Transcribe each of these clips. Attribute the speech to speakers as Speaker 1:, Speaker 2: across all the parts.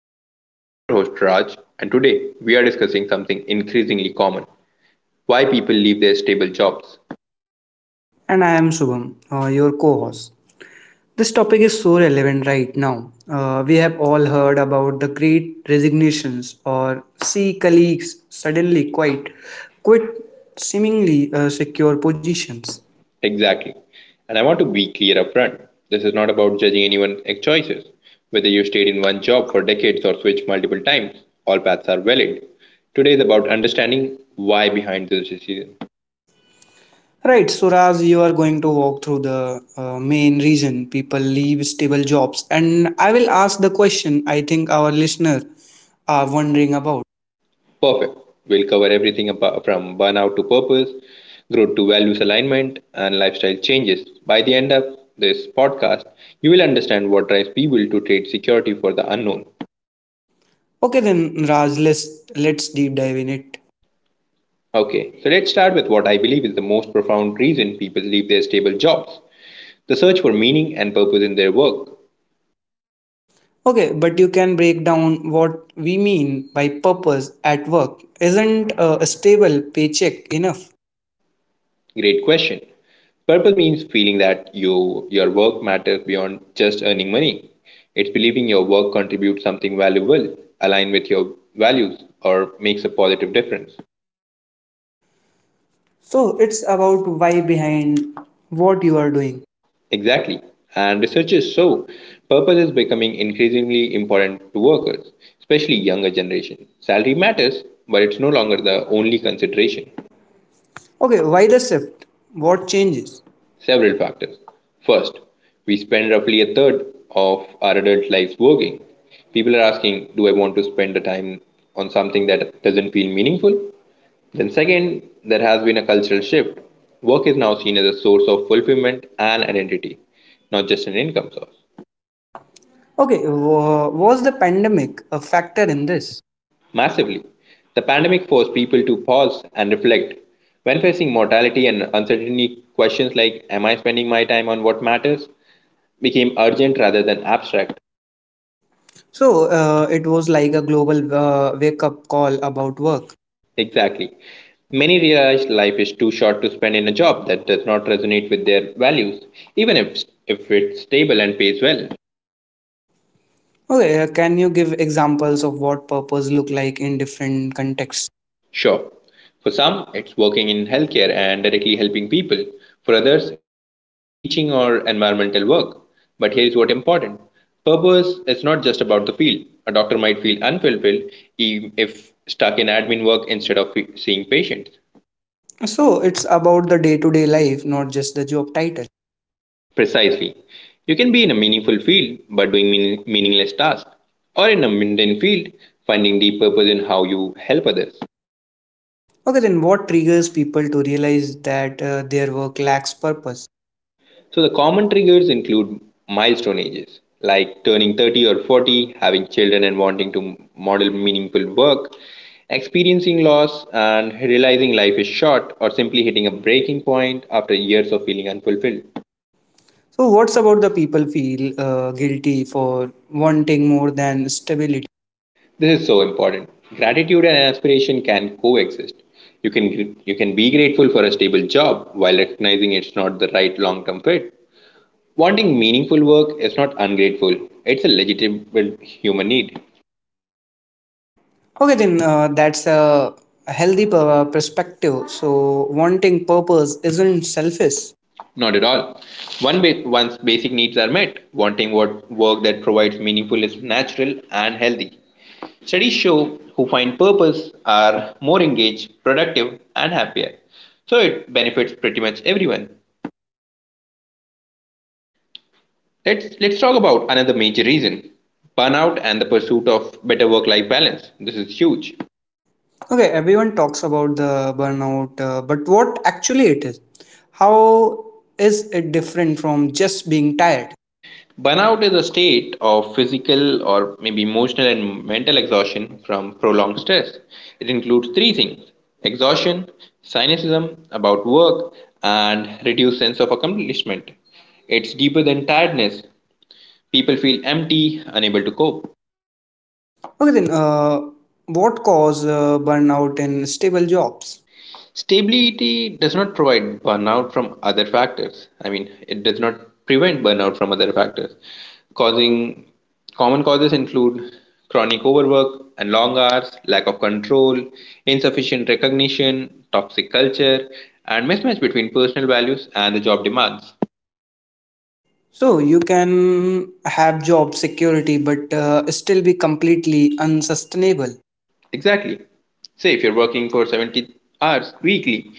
Speaker 1: lives. I'm your host, Raj, and today we are discussing something increasingly common, why people leave their stable jobs.
Speaker 2: And I am Shubham, your co host. This topic is so relevant right now. We have all heard about the great resignations or see colleagues suddenly quit seemingly secure positions.
Speaker 1: Exactly. And I want to be clear up front, this is not about judging anyone's choices. Whether you stayed in one job for decades or switched multiple times, all paths are valid. Today is about understanding why behind this decision.
Speaker 2: Right, so Raj, you are going to walk through the main reason people leave stable jobs, and I will ask the question I think our listener are wondering about.
Speaker 1: Perfect. We'll cover everything from burnout to purpose, growth to values alignment, and lifestyle changes. By the end of this podcast, you will understand what drives people to trade security for the unknown.
Speaker 2: Okay, then Raj, let's deep dive in it.
Speaker 1: Okay, so let's start with what I believe is the most profound reason people leave their stable jobs, the search for meaning and purpose in their work.
Speaker 2: Okay, but you can break down what we mean by purpose at work. Isn't a stable paycheck enough?
Speaker 1: Great question. Purpose means feeling that your work matters beyond just earning money. It's believing your work contributes something valuable, align with your values, or makes a positive difference.
Speaker 2: So it's about why behind what you are doing.
Speaker 1: Exactly. And researchers show purpose is becoming increasingly important to workers, especially younger generation. Salary matters, but it's no longer the only consideration.
Speaker 2: Okay, why the shift? What changes?
Speaker 1: Several factors. First, we spend roughly a third of our adult lives working. People are asking, do I want to spend the time on something that doesn't feel meaningful? Then, second, there has been a cultural shift. Work is now seen as a source of fulfillment and identity, not just an income source.
Speaker 2: Okay, was the pandemic a factor in this?
Speaker 1: Massively, the pandemic forced people to pause and reflect. When facing mortality and uncertainty, questions like, am I spending my time on what matters, became urgent rather than abstract.
Speaker 2: So it was like a global wake up call about work.
Speaker 1: Exactly. Many realize life is too short to spend in a job that does not resonate with their values, even if it's stable and pays well.
Speaker 2: Okay, can you give examples of what purpose look like in different contexts?
Speaker 1: Sure, for some, it's working in healthcare and directly helping people. For others, it's teaching or environmental work. But here is what important, purpose is not just about the field. A doctor might feel unfulfilled if stuck in admin work instead of seeing patients.
Speaker 2: So it's about the day to day life, not just the job title.
Speaker 1: Precisely. You can be in a meaningful field but doing meaningless tasks, or in a mundane field finding deep purpose in how you help others.
Speaker 2: Okay, then what triggers people to realize that their work lacks purpose?
Speaker 1: So, the common triggers include milestone ages, like turning 30 or 40, having children and wanting to model meaningful work, experiencing loss and realizing life is short, or simply hitting a breaking point after years of feeling unfulfilled.
Speaker 2: So, what's about the people feel guilty for wanting more than stability?
Speaker 1: This is so important. Gratitude and aspiration can coexist. You can be grateful for a stable job while recognizing it's not the right long-term fit. Wanting meaningful work is not ungrateful. It's a legitimate human need.
Speaker 2: Okay, then that's a healthy perspective. So, wanting purpose isn't selfish.
Speaker 1: Not at all. Once basic needs are met, wanting what work that provides meaningful is natural and healthy. Studies show who find purpose are more engaged, productive, and happier. So it benefits pretty much everyone. Let's talk about another major reason: burnout and the pursuit of better work-life balance. This is huge.
Speaker 2: Okay, everyone talks about the burnout, but what actually it is? How is it different from just being tired?
Speaker 1: Burnout is a state of physical or maybe emotional and mental exhaustion from prolonged stress. It includes three things: exhaustion, cynicism about work, and reduced sense of accomplishment. It's deeper than tiredness. People feel empty, unable to cope.
Speaker 2: Okay, then what cause burnout in stable jobs?
Speaker 1: Stability does not provide burnout from other factors. I mean, it does not prevent burnout from other factors. Causing common causes include chronic overwork and long hours, lack of control, insufficient recognition, toxic culture, and mismatch between personal values and the job demands.
Speaker 2: So you can have job security, but still be completely unsustainable.
Speaker 1: Exactly. Say if you're working for 70 hours weekly,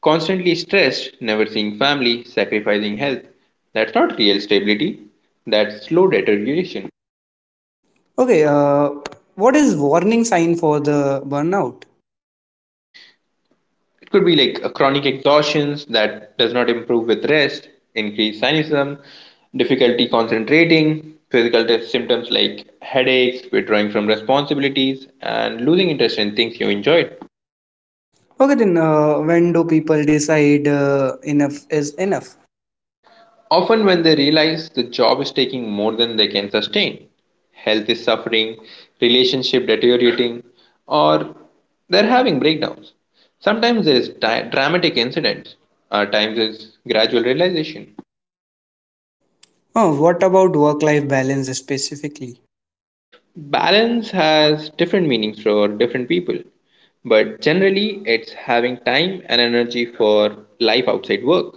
Speaker 1: constantly stressed, never seeing family, sacrificing health, that's not real stability. That's slow deterioration.
Speaker 2: Okay, what is warning sign for the burnout?
Speaker 1: It could be like a chronic exhaustion that does not improve with rest, increased cynicism, difficulty concentrating, symptoms like headaches, withdrawing from responsibilities, and losing interest in things you enjoyed.
Speaker 2: Okay, then when do people decide enough is enough?
Speaker 1: Often, when they realize the job is taking more than they can sustain, health is suffering, relationship deteriorating, or they're having breakdowns. Sometimes there is dramatic incidents, at times there's gradual realization.
Speaker 2: Oh, what about work-life balance specifically?
Speaker 1: Balance has different meanings for different people, but generally, it's having time and energy for life outside work,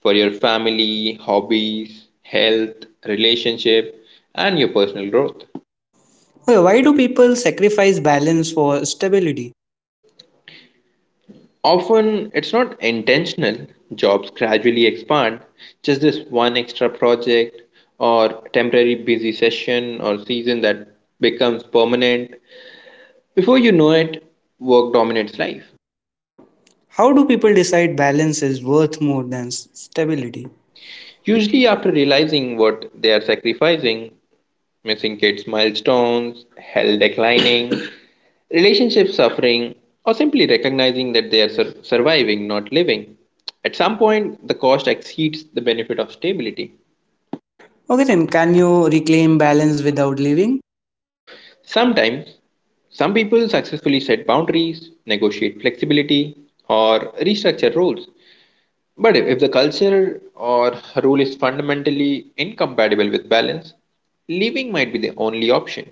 Speaker 1: for your family, hobbies, health, relationship, and your personal growth.
Speaker 2: Okay, why do people sacrifice balance for stability?
Speaker 1: Often it's not intentional, jobs gradually expand, just this one extra project or temporary busy session or season that becomes permanent. Before you know it, work dominates life.
Speaker 2: How do people decide balance is worth more than stability?
Speaker 1: Usually, after realizing what they are sacrificing, missing kids' milestones, health declining, relationship suffering, or simply recognizing that they are surviving, not living. At some point, the cost exceeds the benefit of stability.
Speaker 2: Okay, then can you reclaim balance without leaving?
Speaker 1: Sometimes, some people successfully set boundaries, negotiate flexibility, or restructure roles. But if the culture or rule is fundamentally incompatible with balance, leaving might be the only option.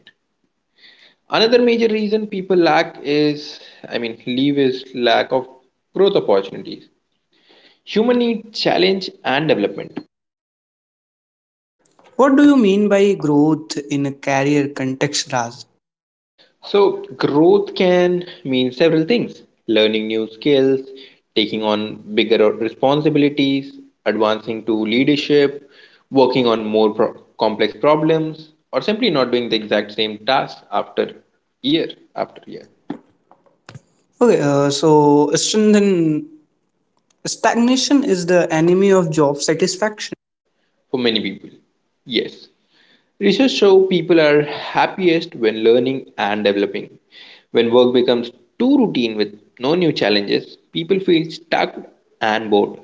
Speaker 1: Another major reason people lack is, I mean, leave is lack of growth opportunities. Human need challenge and development.
Speaker 2: What do you mean by growth in a career context, Raj?
Speaker 1: So, growth can mean several things, learning new skills, taking on bigger responsibilities, advancing to leadership, working on complex problems, or simply not doing the exact same task year after year
Speaker 2: Okay, so strengthen, stagnation is the enemy of job satisfaction.
Speaker 1: for many people. Yes. Research show people are happiest when learning and developing. When work becomes too routine with no new challenges, people feel stuck and bored.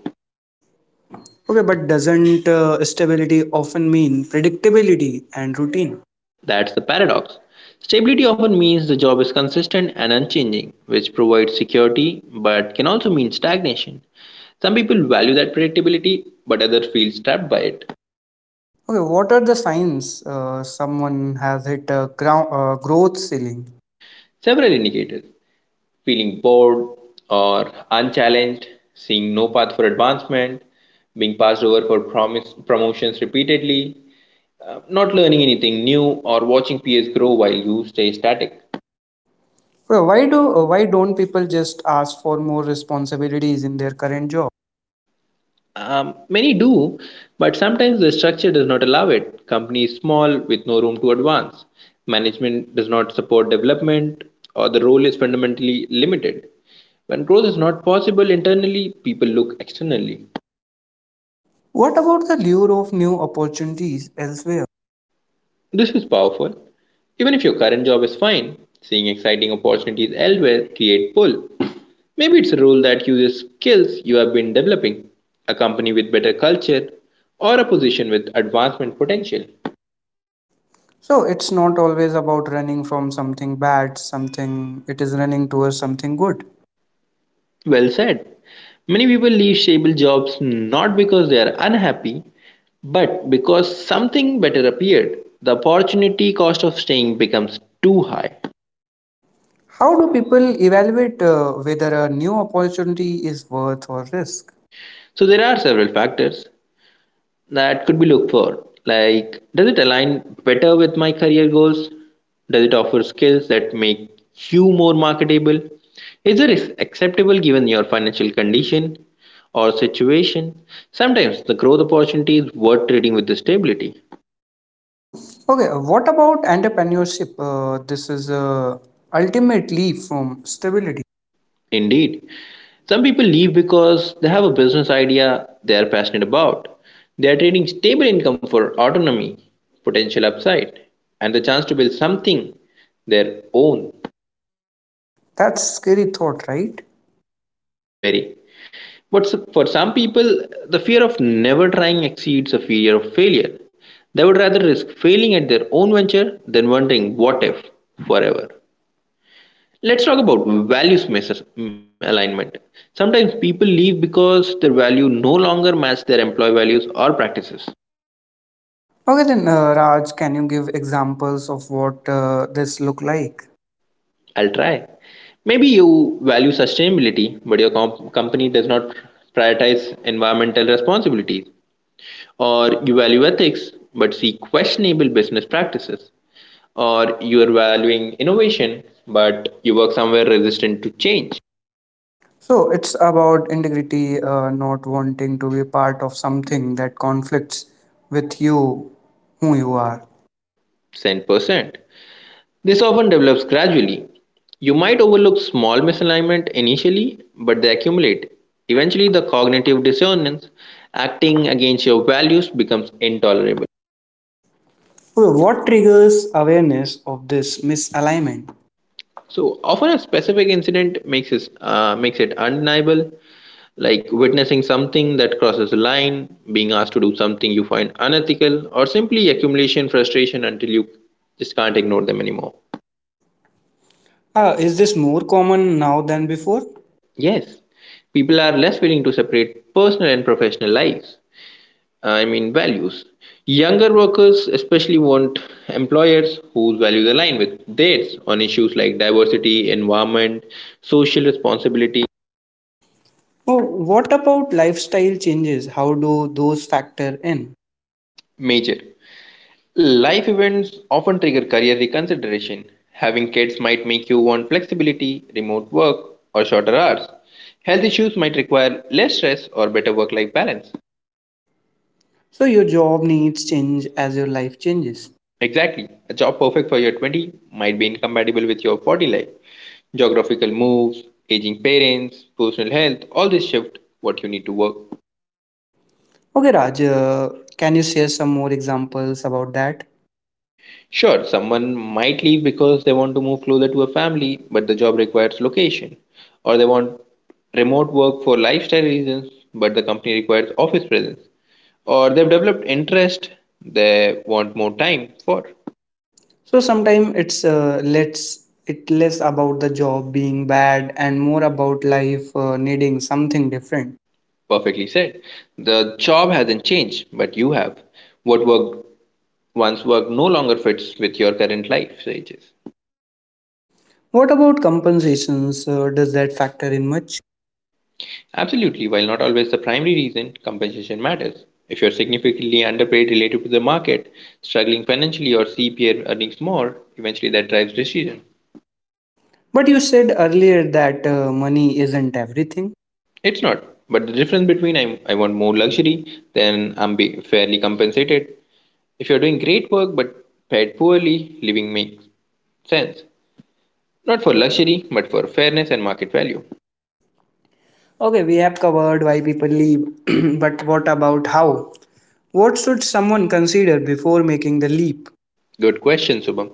Speaker 2: Okay, but doesn't stability often mean predictability and routine?
Speaker 1: That's the paradox. Stability often means the job is consistent and unchanging, which provides security but can also mean stagnation. Some people value that predictability, but others feel trapped by it.
Speaker 2: Okay, what are the signs someone has hit a ground, growth ceiling?
Speaker 1: Several indicators, feeling bored or unchallenged, seeing no path for advancement, being passed over for promotions repeatedly, not learning anything new, or watching peers grow while you stay static.
Speaker 2: Well, why don't people just ask for more responsibilities in their current job?
Speaker 1: Many do, but sometimes the structure does not allow it. Company is small with no room to advance. Management does not support development, or the role is fundamentally limited. When growth is not possible internally, people look externally.
Speaker 2: What about the lure of new opportunities elsewhere?
Speaker 1: This is powerful. Even if your current job is fine, seeing exciting opportunities elsewhere create pull. Maybe it's a role that uses skills you have been developing, a company with better culture, or a position with advancement potential.
Speaker 2: So it's not always about running from something bad, something it is running towards something good.
Speaker 1: Well said. Many people leave stable jobs not because they are unhappy, but because something better appeared. The opportunity cost of staying becomes too high.
Speaker 2: How do people evaluate whether a new opportunity is worth or risk?
Speaker 1: So there are several factors that could be looked for. Like, does it align better with my career goals? Does it offer skills that make you more marketable? Is it acceptable given your financial condition or situation? Sometimes the growth opportunity is worth trading with the stability.
Speaker 2: Okay, what about entrepreneurship? This is ultimately from stability.
Speaker 1: Indeed. Some people leave because they have a business idea they are passionate about. They are trading stable income for autonomy, potential upside, and the chance to build something their own.
Speaker 2: That's scary thought, right?
Speaker 1: Very. But for some people, the fear of never trying exceeds the fear of failure. They would rather risk failing at their own venture than wondering what if forever. Let's talk about alignment. Sometimes people leave because their value no longer match their employee values or practices.
Speaker 2: Okay, then Raj, can you give examples of what this look like?
Speaker 1: I'll try. Maybe you value sustainability, but your company does not prioritize environmental responsibilities. Or you value ethics, but see questionable business practices. Or you are valuing innovation, but you work somewhere resistant to change.
Speaker 2: So it's about integrity, not wanting to be part of something that conflicts with you, who you are.
Speaker 1: 10%. This often develops gradually. You might overlook small misalignment initially, but they accumulate. Eventually, the cognitive dissonance acting against your values becomes intolerable.
Speaker 2: Okay, what triggers awareness of this misalignment?
Speaker 1: So often, a specific incident makes it undeniable, like witnessing something that crosses a line, being asked to do something you find unethical, or simply accumulation frustration until you just can't ignore them anymore.
Speaker 2: Ah, is this more common now than before?
Speaker 1: Yes, people are less willing to separate personal and professional lives. I mean, values. Younger workers especially want employers whose values align with theirs on issues like diversity, environment, social responsibility.
Speaker 2: Oh, what about lifestyle changes? How do those factor in?
Speaker 1: Major. Life events often trigger career reconsideration. Having kids might make you want flexibility, remote work, or shorter hours. Health issues might require less stress or better work life balance.
Speaker 2: So your job needs change as your life changes.
Speaker 1: Exactly. A job perfect for your 20s might be incompatible with your 40s life. Geographical moves, aging parents, personal health, all this shift what you need to work.
Speaker 2: Okay, Raj, can you share some more examples about that?
Speaker 1: Sure, someone might leave because they want to move closer to a family, but the job requires location. Or they want remote work for lifestyle reasons, but the company requires office presence. Or they've developed interest they want more time for.
Speaker 2: So sometimes it's let it less about the job being bad and more about life needing something different.
Speaker 1: Perfectly said. The job hasn't changed, but you have. What worked once worked no longer fits with your current life stages.
Speaker 2: What about compensations? Does that factor in much?
Speaker 1: Absolutely, while not always the primary reason, compensation matters. If you're significantly underpaid relative to the market, struggling financially, or see peer earnings more, eventually that drives decision.
Speaker 2: But you said earlier that money isn't everything.
Speaker 1: It's not, but the difference between I want more luxury, then I'm be fairly compensated. If you're doing great work but paid poorly, living makes sense. Not for luxury, but for fairness and market value.
Speaker 2: Okay, we have covered why people leave, but what about how? What should someone consider before making the leap?
Speaker 1: Good question, Subham.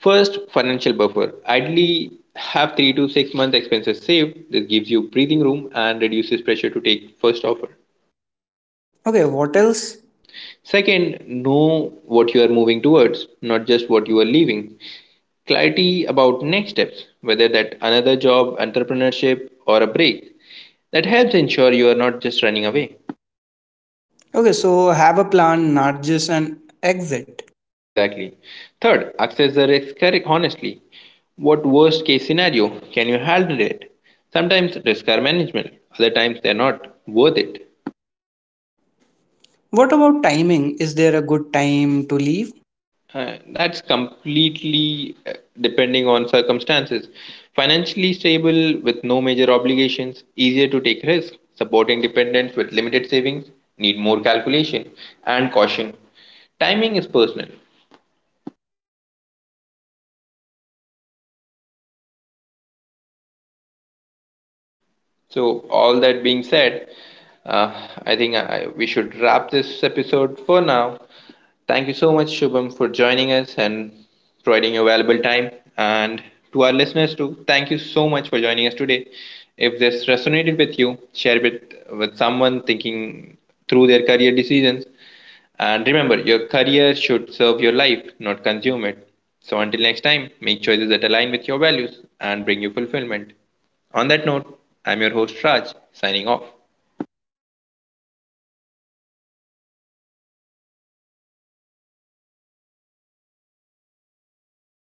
Speaker 1: First, financial buffer. Ideally, have 3 to 6 months expenses saved. This gives you breathing room and reduces pressure to take first offer.
Speaker 2: Okay, what else?
Speaker 1: Second, know what you are moving towards, not just what you are leaving. Clarity about next steps, whether that another job, entrepreneurship, or a break. That helps ensure you are not just running away.
Speaker 2: Okay, so have a plan, not just an exit.
Speaker 1: Exactly. Third, access the honestly. What worst case scenario can you handle it? Sometimes risks are management, other times they're not worth it.
Speaker 2: What about timing? Is there a good time to leave?
Speaker 1: That's completely depending on circumstances. Financially stable with no major obligations, easier to take risk, supporting dependents with limited savings, need more calculation and caution. Timing is personal. So, all that being said, I think we should wrap this episode for now. Thank you so much, Shubham, for joining us and providing your valuable time. And to our listeners, too, thank you so much for joining us today. If this resonated with you, share it with someone thinking through their career decisions. And remember, your career should serve your life, not consume it. So until next time, make choices that align with your values and bring you fulfillment. On that note, I'm your host Raj, signing off.